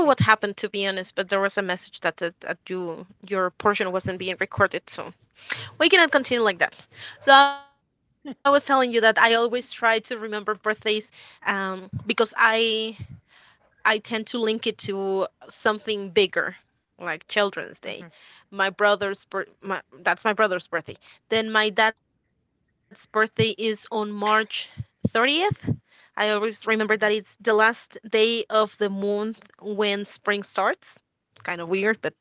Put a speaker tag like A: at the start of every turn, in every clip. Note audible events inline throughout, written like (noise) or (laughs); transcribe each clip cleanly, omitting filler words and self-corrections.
A: Okay. Mhm. Mhm.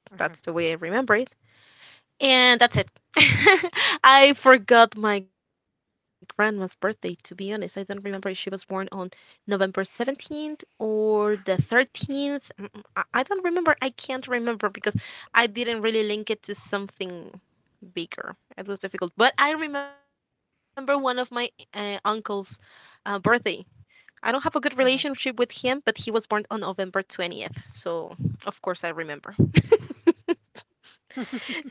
A: Mhm. Mhm. (laughs)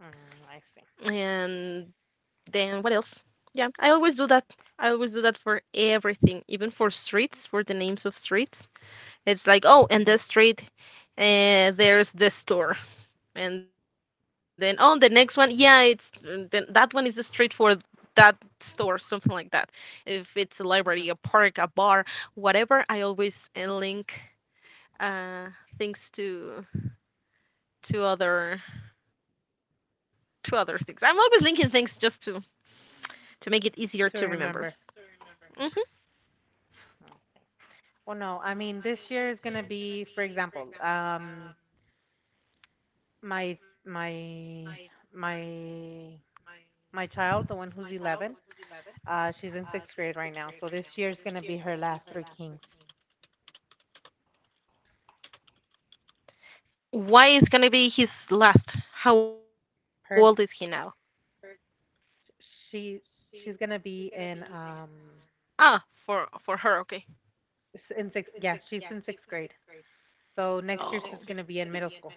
A: I see. Mhm. Mhm. To remember. Oh. Well, no. This year is gonna be, for example, my my my my child, the one who's 11. She's in sixth grade right now, so this year's gonna be her last three kings. Her she She's gonna be in in sixth. Yeah, she's in sixth grade. So next year she's gonna be in middle school.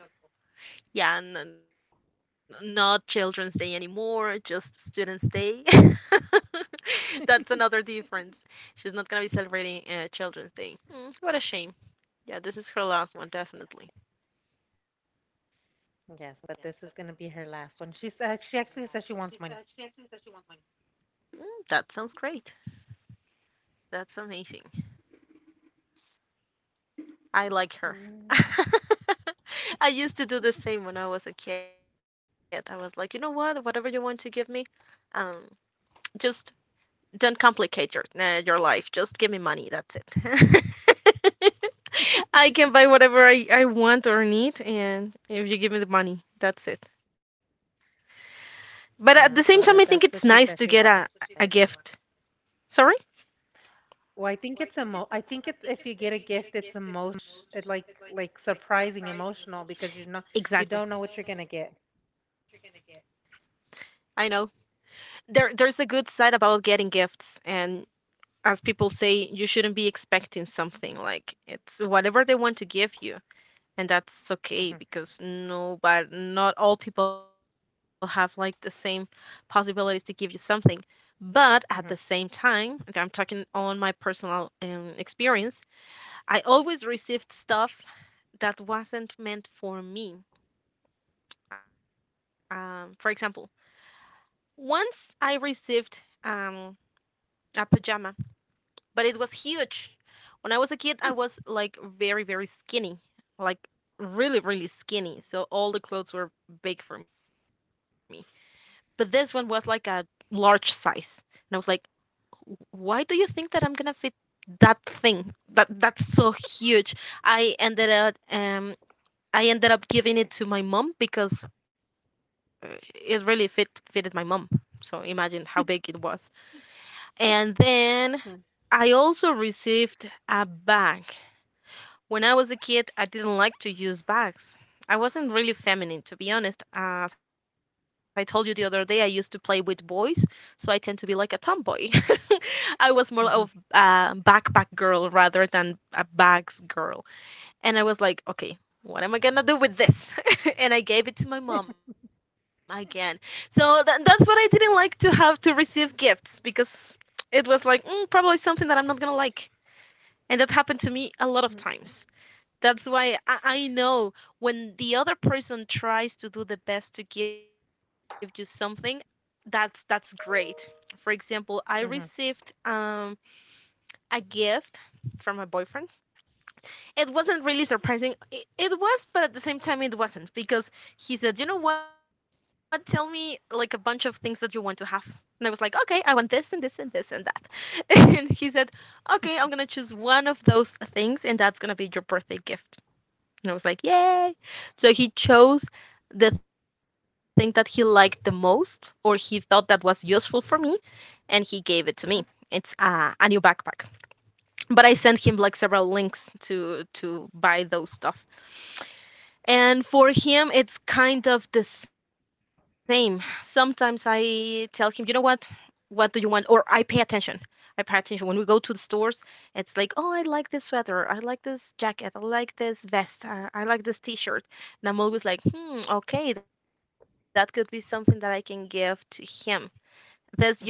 A: Yes, but this is gonna be her last one. She actually says she wants money. Mm. Yeah, so that's what she said she wanted. Well, I think it's emo. I think it's, if you get a gift, it's emotion. It Like surprising, emotional, because you know you don't know what you're gonna get. Mhm. Mhm. Mhm. Mhm. Mhm.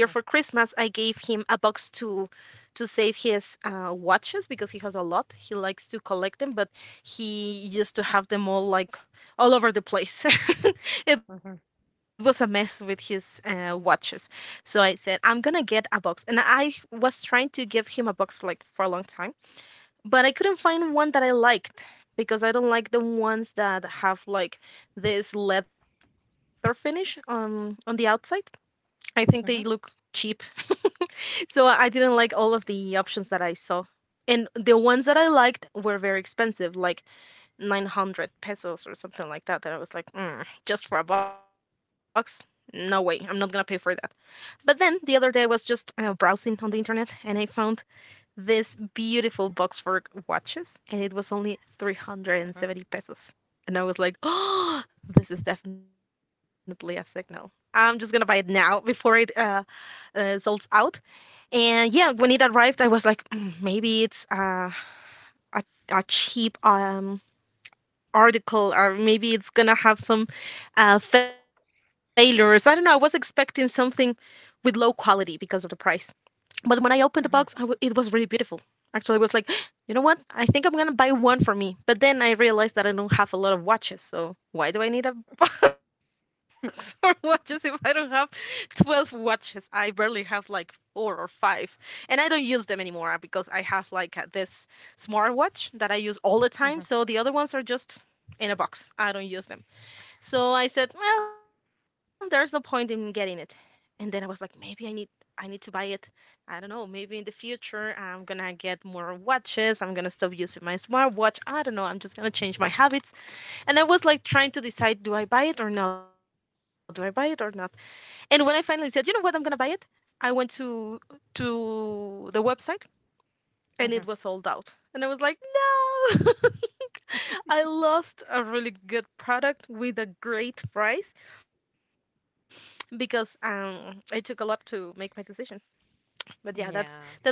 A: Mhm. Mhm. Mhm. Mhm. Mhm. Mhm. Mhm. Mhm. Yeah.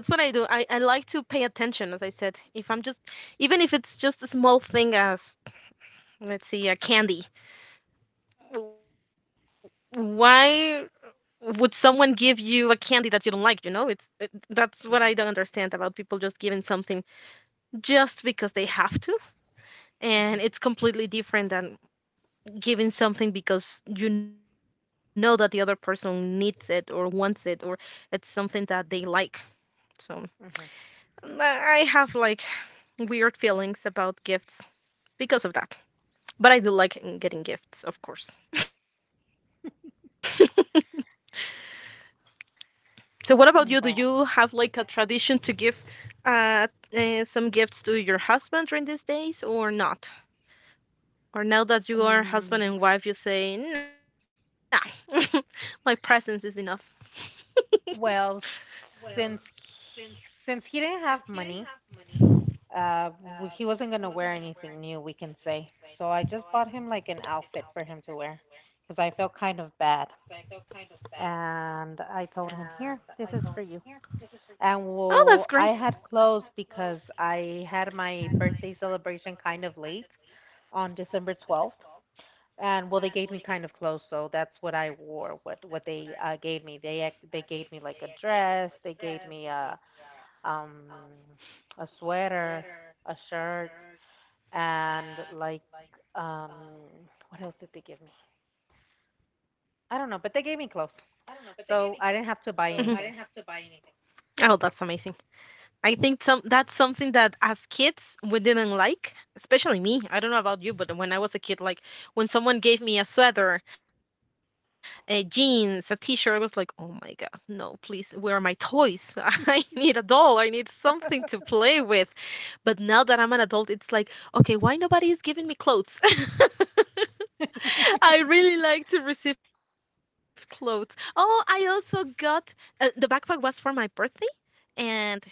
A: Mhm. Mhm. Mhm. Well. Um. Well, since since he didn't have money, he wasn't gonna wear anything new, we can say. So I just bought him like an outfit for him to wear, because I felt kind of bad. And I told him, "Here, this is for you." And well, I had clothes because I had my birthday celebration kind of late on December 12th. And well, they gave me kind of clothes, so that's what I wore. What they gave me, they gave me like a dress, they gave me um a sweater, a shirt, and um what else did they give me? I don't know, but they gave me clothes, so I didn't have to buy anything.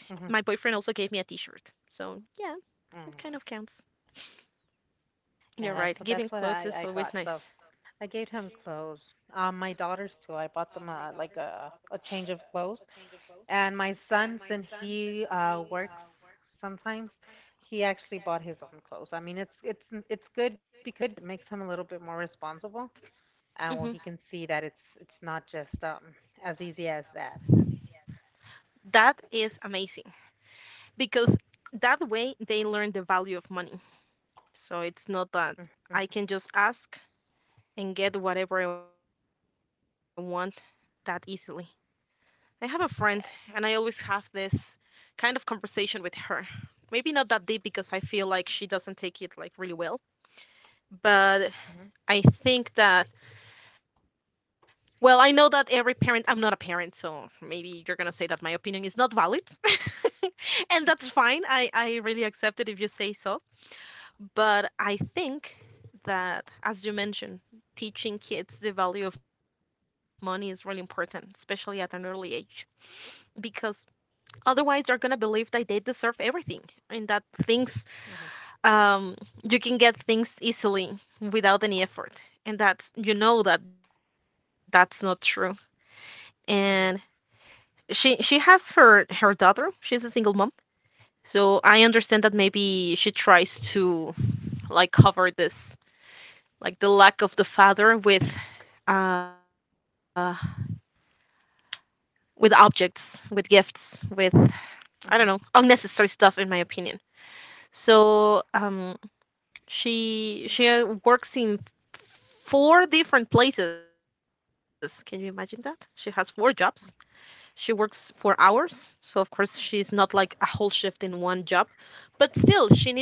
A: Mhm. Mm. Yeah, that's what I got. So I gave him clothes. My daughters too. I bought them like a change of clothes. And my son, since he works sometimes, he actually bought his own clothes. I mean, it's good because it makes him a little bit more responsible. And well, he can see that it's not just as easy as that. Mm, Yes. Mhm, mhm, mhm, mhm,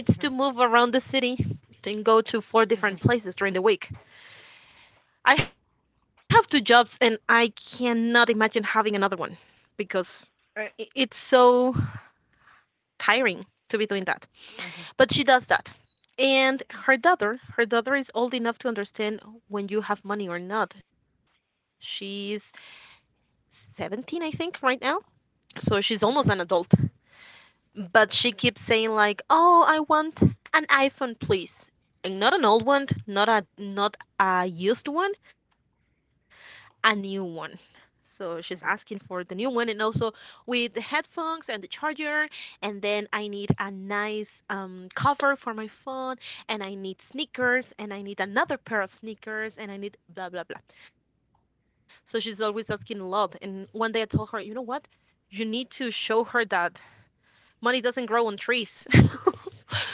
A: mhm, mhm, mhm, mhm, mhm, mhm,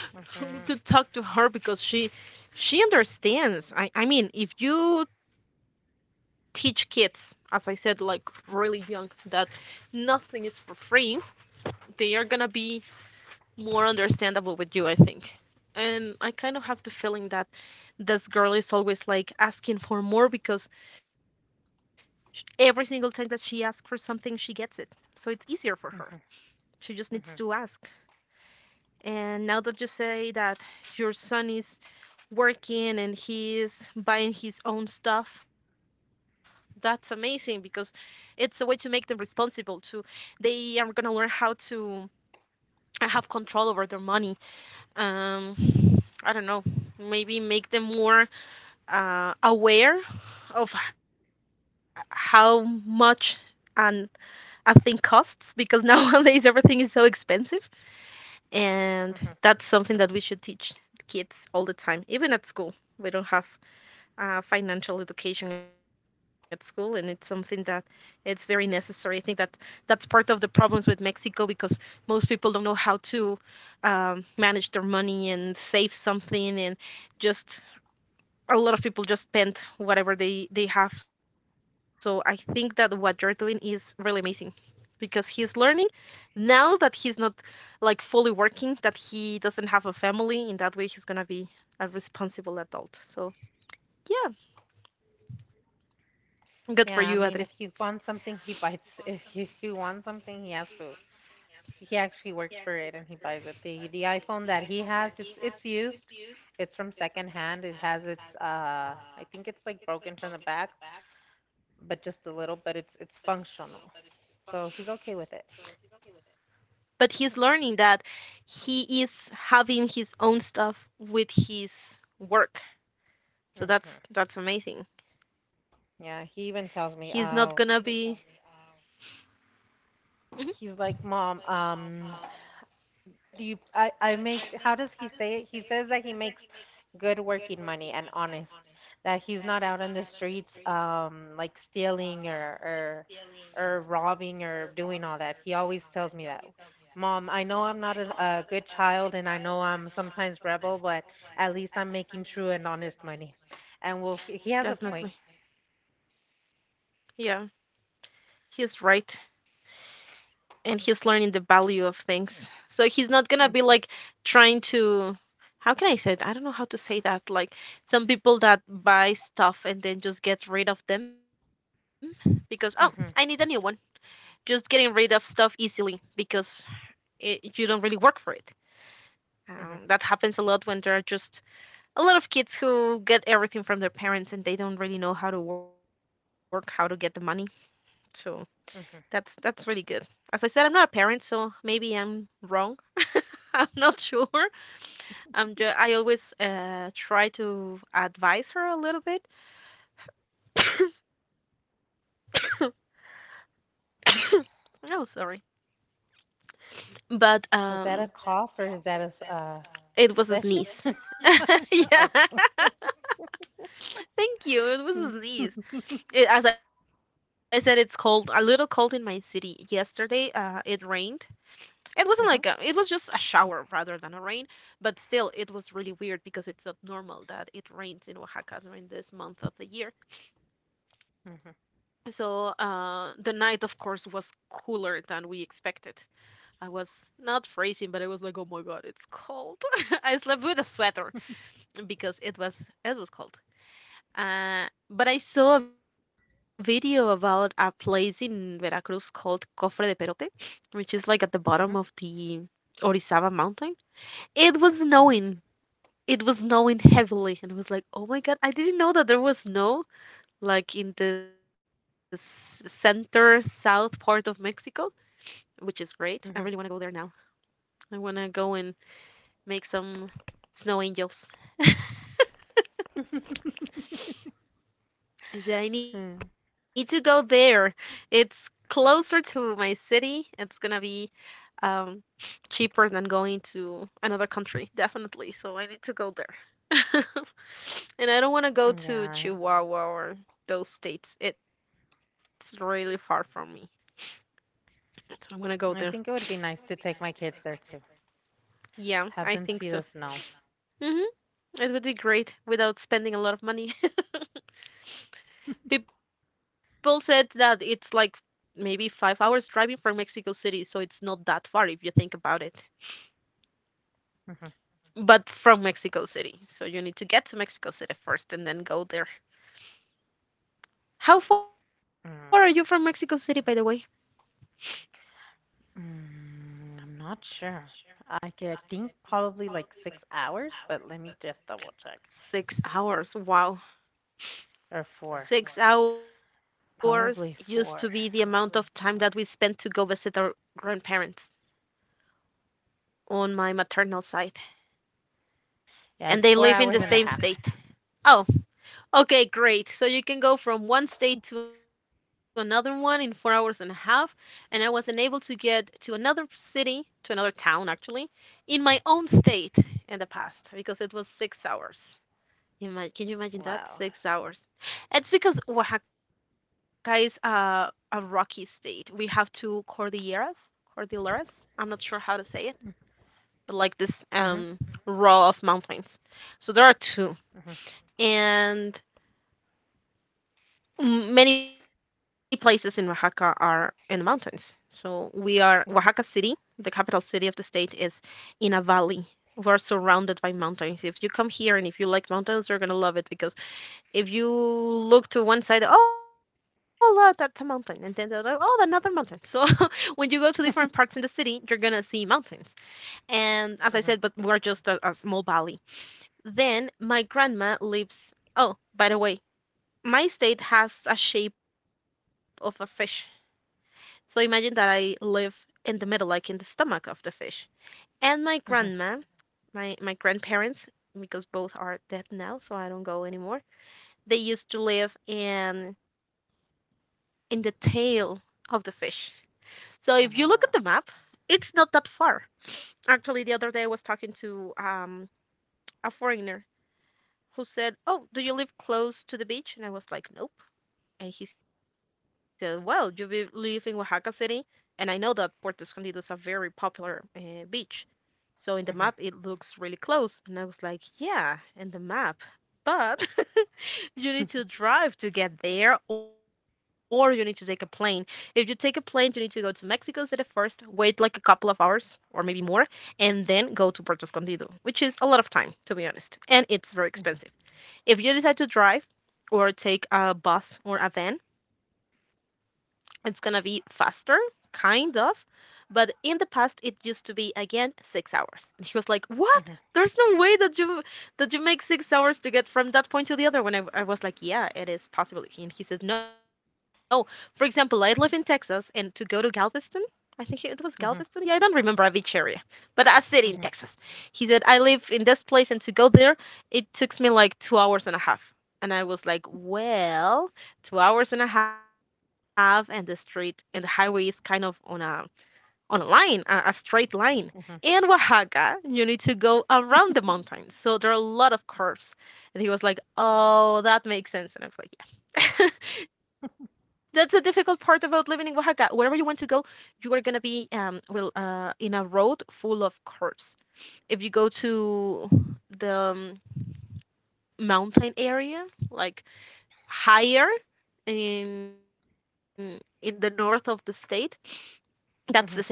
A: mhm, mhm, mhm, mhm. Yeah, I mean, if you want something, he buys. (laughs) If you want something, he has to. He actually works for it and he buys it. The iPhone that he has, it's used. It's from second hand. It has its I think it's like broken from the back, but just a little. But it's functional, so he's okay with it. Hmm. Yeah, he even tells me, he's like, mom, do you? I make. How does he say it? He says that he makes good working money and honest. That he's not out on the streets, like stealing or robbing or doing all that. He always tells me that. Mom, I know I'm not a good child and I know I'm sometimes rebel, but at least I'm making true and honest money. And well, he has a point. Mm, Mhm. Mhm. Mhm. Was that a cough or is that a bless you? (laughs) Okay. Mhm. Mhm. Mhm. Mhm. Mhm. Hmm. Yeah. I think it would be nice to take my kids there too. Have them see the snow. Mhm. Mm. I'm not sure. I think probably like 6 hours, but let me just double check. Or four. Probably four. Yeah, it's 4 hours and a half. Wow. Mhm. Mhm. Mhm. Mhm. Mhm. Mhm. Mhm. Mhm. Mhm. Mhm. Mhm.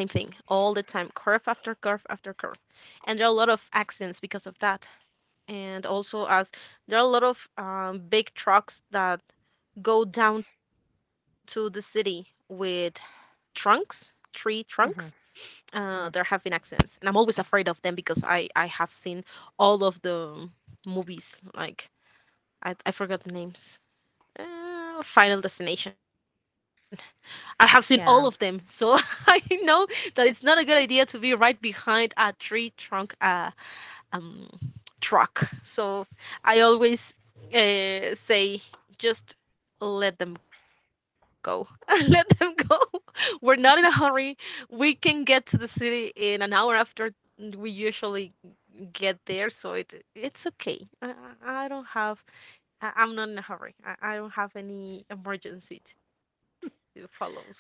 A: Mhm. Mhm. Yeah.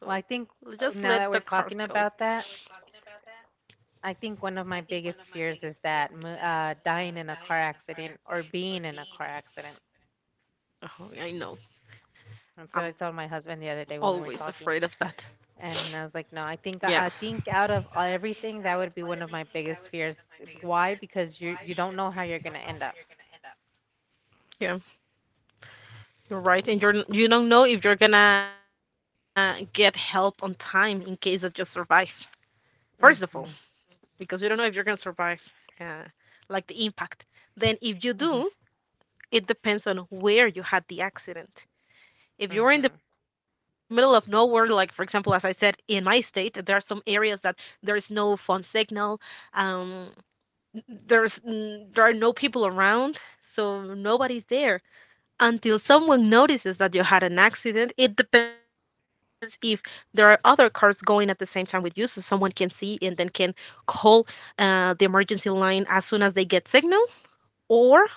A: Well, I think now that we're talking about that, I think one of my biggest fears is that dying in a car accident or being in a car accident. That's what I told my husband the other day when we were talking, and I was like, "No, I think out of everything, that would be one of my biggest fears. Why? Because you don't know how you're gonna end up." Mhm. Mhm. Mhm.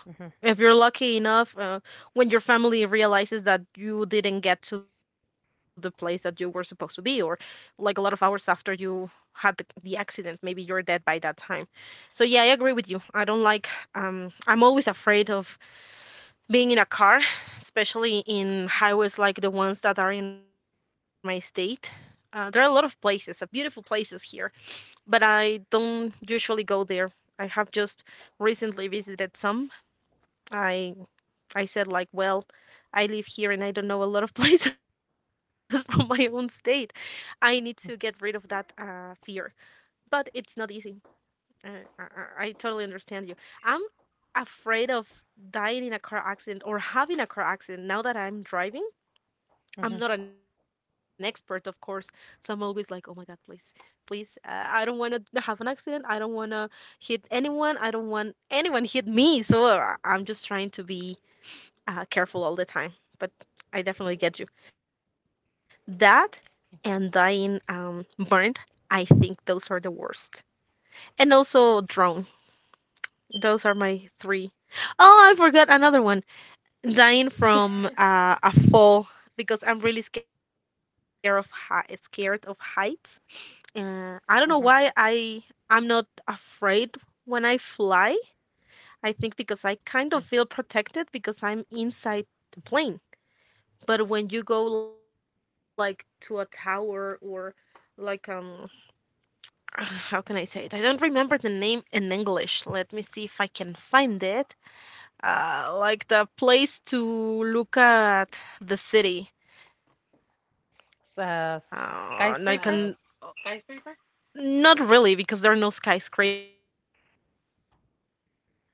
A: Mhm. Mhm. Mhm. Mhm. So, skyscraper.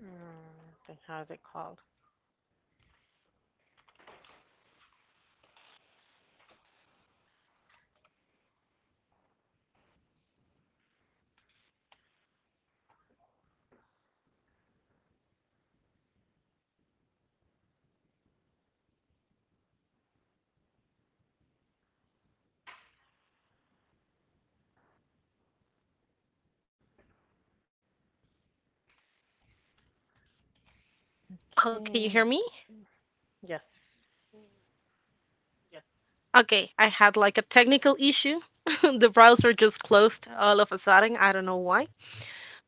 A: How is it called? Okay. Let's.
B: Oh, can you hear me?
A: Yes.
B: Okay, I had like a technical issue. (laughs) The browser just closed all of a sudden. I don't know why.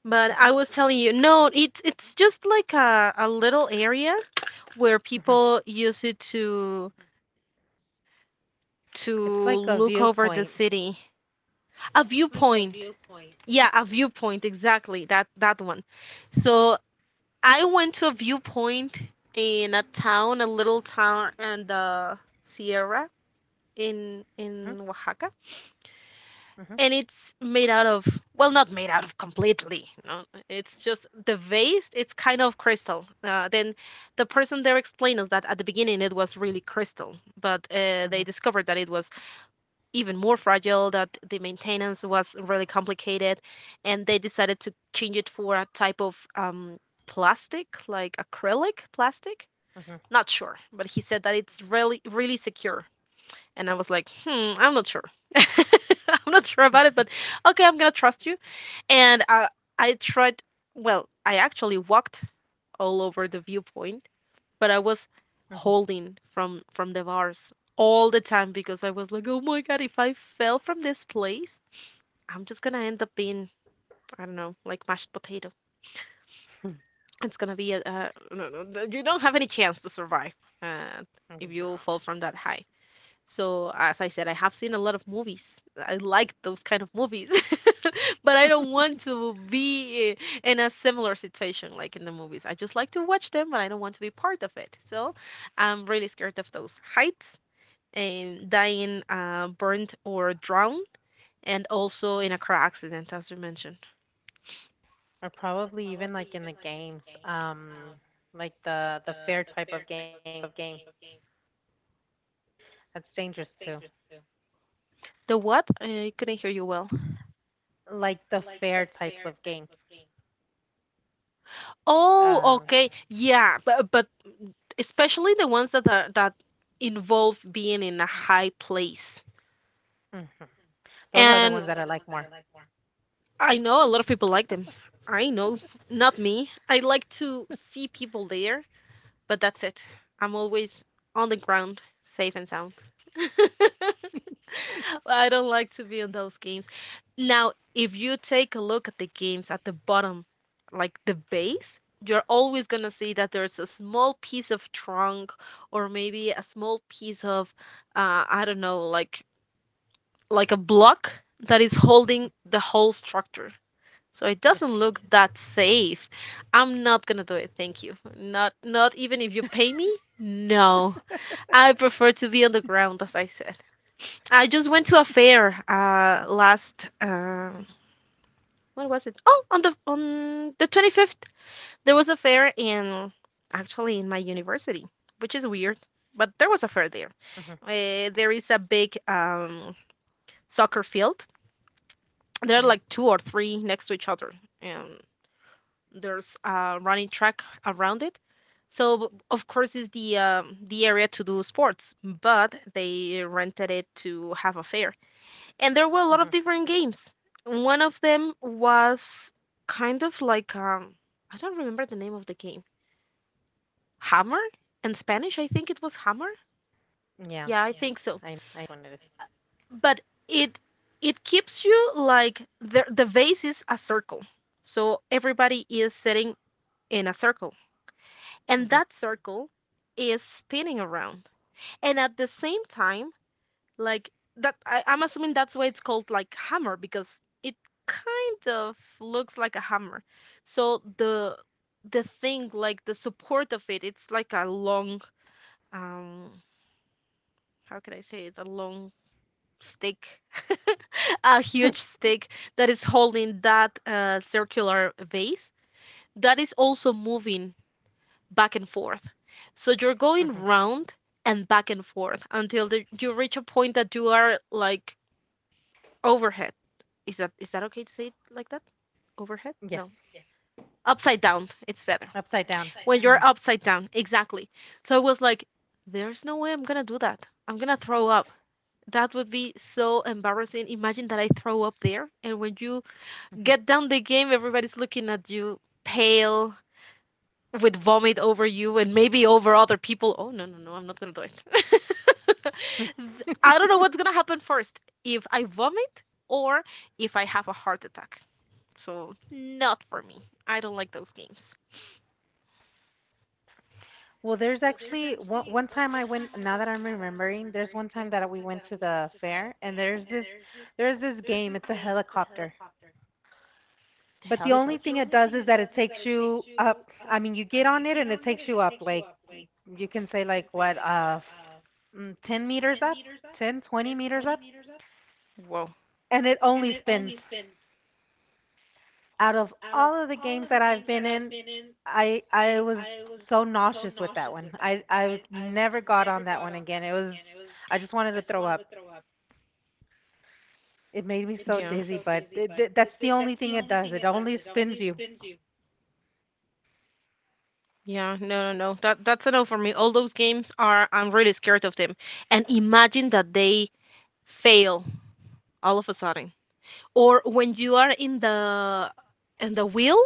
B: But I
A: Mhm.
B: was telling you, no, it's just like a little area where
A: Mhm.
B: people use it to
A: It's
B: look
A: like a
B: over the
A: viewpoint.
B: city. A viewpoint. Viewpoint. Yeah, a viewpoint, exactly. That one. So I went to a viewpoint in a town, a little town in the Sierra in Oaxaca, and
A: Mhm.
B: it's made out of, well, not made out of completely, no, it's just the vase, it's kind of crystal. Then the person there explained us that at the beginning it was really crystal, but they discovered
A: Mhm.
B: that it was even more fragile, that the maintenance was really complicated, and they decided to change it for a type of plastic, like acrylic plastic.
A: Mhm.
B: Not sure, but he said that it's really really secure. And I was like, hmm, I'm not sure. (laughs) I'm not sure about it, but okay, I'm gonna trust you. And I tried, well, I actually walked all over the viewpoint, but I was
A: Mhm.
B: holding from the bars all the time, because I was like, oh my God, if I fell from this place, I'm just gonna end up being, I don't know, like mashed potato. It's gonna be no, no, no, you don't have any chance to survive uh, if you
A: Yeah.
B: fall from that high. So, as I said, I have seen a lot of movies. I like those kind of movies. (laughs) But I don't want to in a similar situation like in the movies. I just like to watch them, but I don't want to be part of it. So, I'm really scared of those heights and dying, burned or drowned, and also in a car accident, as you mentioned.
A: Or probably even like in the games, like the fair type of game. That's dangerous too.
B: The what? I couldn't hear you well.
A: Like the fair types of game.
B: Oh,
A: Um,
B: okay. Yeah, but especially the ones that are, that involve being in a high place.
A: mhm. Those
B: And
A: are the
B: those
A: ones
B: are
A: that
B: the
A: I
B: ones that
A: like
B: I
A: more.
B: like more. I know a lot of people like them. I know, not me. I like to see people there, but that's it. I'm always on the ground, safe and sound. (laughs) I don't like to be in those games. Now, if you take a look at the games at the bottom, like the base, you're always going to see that there's a small piece of trunk, or maybe a small piece of, I don't know, like a block that is holding the whole structure. So it doesn't
A: Yes.
B: look that safe. I'm not gonna do it. Thank you. Not even if you pay me. No, I prefer to be on the ground, as I said. I just went to a fair last. What was it? Oh, on the 25th there was a fair in, actually in my university, which is weird, but there was a fair there.
A: Mhm.
B: There is a big soccer field, there are
A: Mhm.
B: like two or three next to each other, and there's a running track around it. So of course it's the area to do sports, but they rented it to have a fair, and there were a lot of
A: Mhm.
B: different games. One of them was kind of like, I don't remember the name of the game. Hammer. In Spanish I think it was hammer.
A: Yeah.
B: Yeah, I think
A: I
B: so.
A: I know what it is.
B: But it it keeps you like, the base is a circle, so everybody is sitting in a circle. And
A: Mhm.
B: that circle is spinning around. And at the same time, like that, I'm assuming that's why it's called like hammer, because it kind of looks like a hammer. So the thing, like the support of it, it's like a long, um, how can I say it? A long stick, (laughs) a huge stick that is holding that circular vase that is also moving back and forth. So you're going
A: Mhm.
B: round and back and forth until you reach a point that you are like overhead. Is that okay to say it like that? Overhead? No.
A: Yes.
B: Upside down. It's better.
A: Upside down.
B: When you're
A: Mhm.
B: upside down. Exactly. So I was like, there's no way I'm going to do that. I'm going to throw up. That would be so embarrassing. Imagine that I throw up there, and when you
A: Mhm.
B: get down the game, everybody's looking at you, pale, with vomit over you and maybe over other people. Oh, no, no, no, I'm not gonna do it.
A: (laughs)
B: (laughs) I don't know what's gonna happen first, if I vomit or if I have a heart attack. So, not for me. I don't like those games.
A: Well, there's actually one time I went. Now that I'm remembering, there's one time that we went to the fair, and there's this game. It's a helicopter, but the only
B: Helicopter.
A: thing it does is that it takes you up. I mean, you get on it and it takes you up. Like you can say like what 10 meters up, 10 20 meters up,
B: Whoa.
A: and it only spins. Out of all of the games that I've been in, I was so nauseous with that one. I never got on that one again. It was I just wanted to throw up. It made me so
B: Yeah.
A: dizzy, but that's the only thing it does. It only spins you.
B: Yeah, no, no, no. That's a no for me. All those games are, I'm really scared of them. And imagine that they fail all of a sudden, or when you are in the wheel,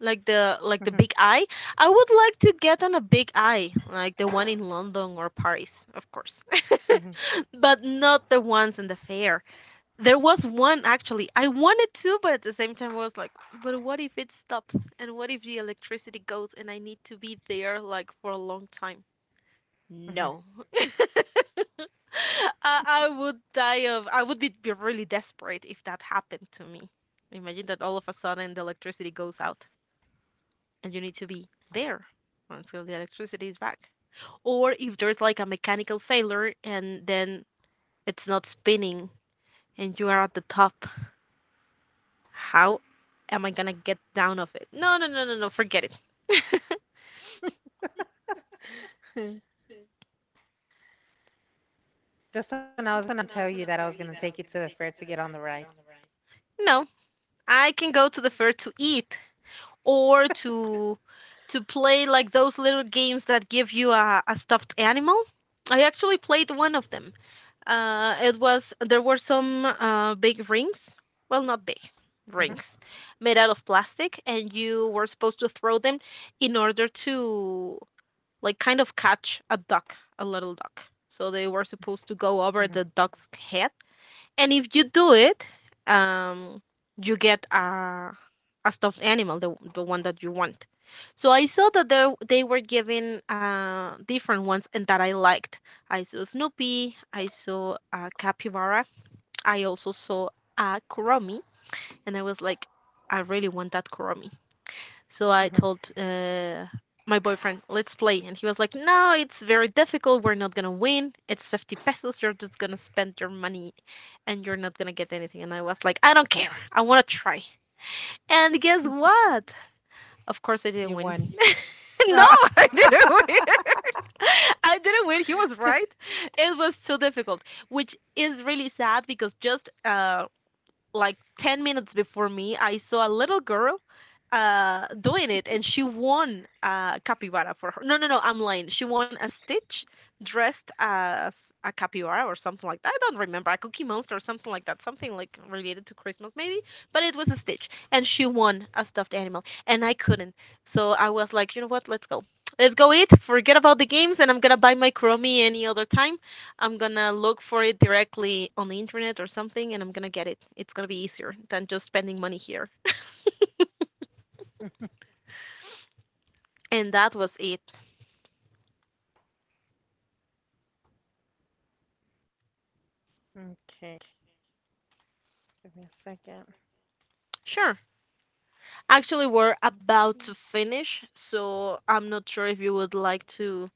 B: like the
A: Mhm,
B: big eye. I would like to get on a big eye like the one in London or Paris, of course,
A: mhm,
B: (laughs) but not the ones in the fair. There was one actually I wanted to, but at the same time I was like, but what if it stops, and what if the electricity goes and I need to be there like for a long time. No.
A: mhm.
B: (laughs) I would die of, I would be really desperate if that happened to me. Imagine that all of a sudden the electricity goes out and you need to be there until the electricity is back. Or if there's like a mechanical failure, and then it's not spinning and you are at the top, how am I gonna get down of it? No, no, no, no, no, forget it. (laughs)
A: (laughs) Justin, I was gonna tell you that I was gonna take you to the fair to get on the ride.
B: No, I can go to the fair to eat, or to play like those little games that give you a stuffed animal. I actually played one of them. It was, there were some big rings, well not big,
A: Mhm,
B: rings, made out of plastic, and you were supposed to throw them in order to like kind of catch a duck, a little duck. So they were supposed to go over
A: mhm,
B: the duck's head, and if you do it, um, you get a stuffed animal, the one that you want. So I saw that they were giving different ones, and that I liked. I saw Snoopy, I saw Capybara, I also saw a Kuromi, and I was like, I really want that Kuromi. So I
A: mhm.
B: told my boyfriend, let's play. And he was like, no, it's very difficult. We're not going to win. It's 50 pesos. You're just going to spend your money, and you're not going to get anything. And I was like, I don't care. I want to try. And guess what? Of course, I didn't win.
A: You won.
B: (laughs) No,
A: Ah.
B: I didn't win.
A: (laughs)
B: (laughs) I didn't win. He was right. It was too difficult, which is really sad because just like 10 minutes before me, I saw a little girl doing it, and she won capybara for her. No, no, no, I'm lying, she won a Stitch dressed as a Capybara or something like that, I don't remember, a Cookie Monster or something like that, something like related to Christmas maybe. But it was a Stitch, and she won a stuffed animal, and I couldn't. So I was like, you know what, let's go, let's go eat, forget about the games, and I'm gonna buy my Crummy any other time. I'm gonna look for it directly on the internet or something, and I'm gonna get it. It's gonna be easier than just spending money here. And that was it.
A: Okay, give me a second.
B: Sure. Actually, we're about to finish, so I'm not sure if you would like to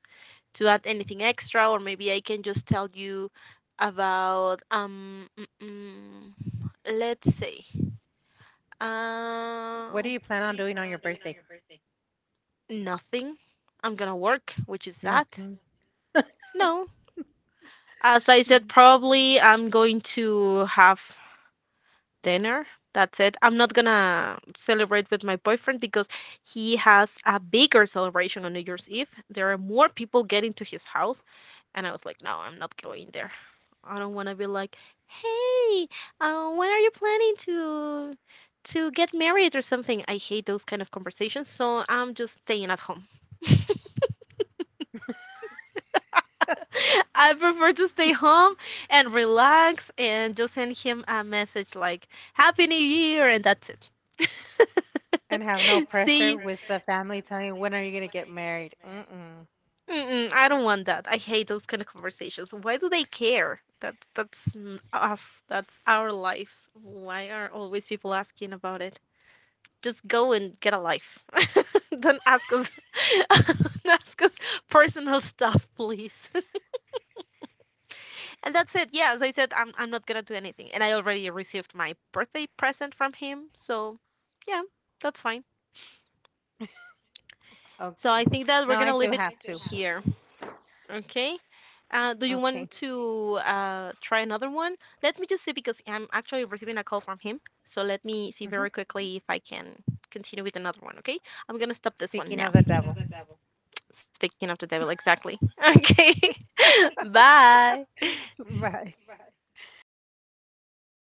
B: add anything extra, or maybe I can just tell you about let's say,
A: What do
B: uh,
A: you plan on doing on your birthday?
B: nothing. I'm gonna work, which is that.
A: Nothing. (laughs)
B: No. As I said, probably I'm going to have dinner. That's it. I'm not gonna celebrate with my boyfriend because he has a bigger celebration on New Year's Eve. There are more people getting to his house. And I was like, no, I'm not going there. I don't want to be like, hey, when are you planning to get married or something? I hate those kind of conversations, so I'm just staying at home. (laughs) I prefer to stay home and relax and just send him a message like Happy New Year, and that's it.
A: And have no
B: (laughs) See
A: pressure
B: you.
A: with the family telling you when are you gonna get married. Mm-mm.
B: Mm-mm, I don't want that. I hate those kind of conversations. Why do they care? That's us. That's our lives. Why are always people asking about it? Just go and get a life. (laughs) Don't ask us. (laughs) Don't ask us personal (laughs) stuff, please. And that's it. Yeah, as I said, I'm not gonna do anything. And I already received my birthday present from him, so yeah, that's fine. So
A: Okay.
B: I think that we're
A: No, I
B: gonna
A: do
B: leave it No,
A: have
B: I do
A: to.
B: have. Here. Okay. Do you
A: Okay.
B: want to try another one? Let me just see, because I'm actually receiving a call from him. So let me see
A: Hmm.
B: very quickly if I can continue with another one. Okay. I'm gonna stop this one
A: Speaking
B: now.
A: of the
B: Speaking of
A: devil.
B: the devil. Speaking of the devil, exactly. (laughs) Okay. (laughs)
A: (laughs)
B: Bye.
A: Bye.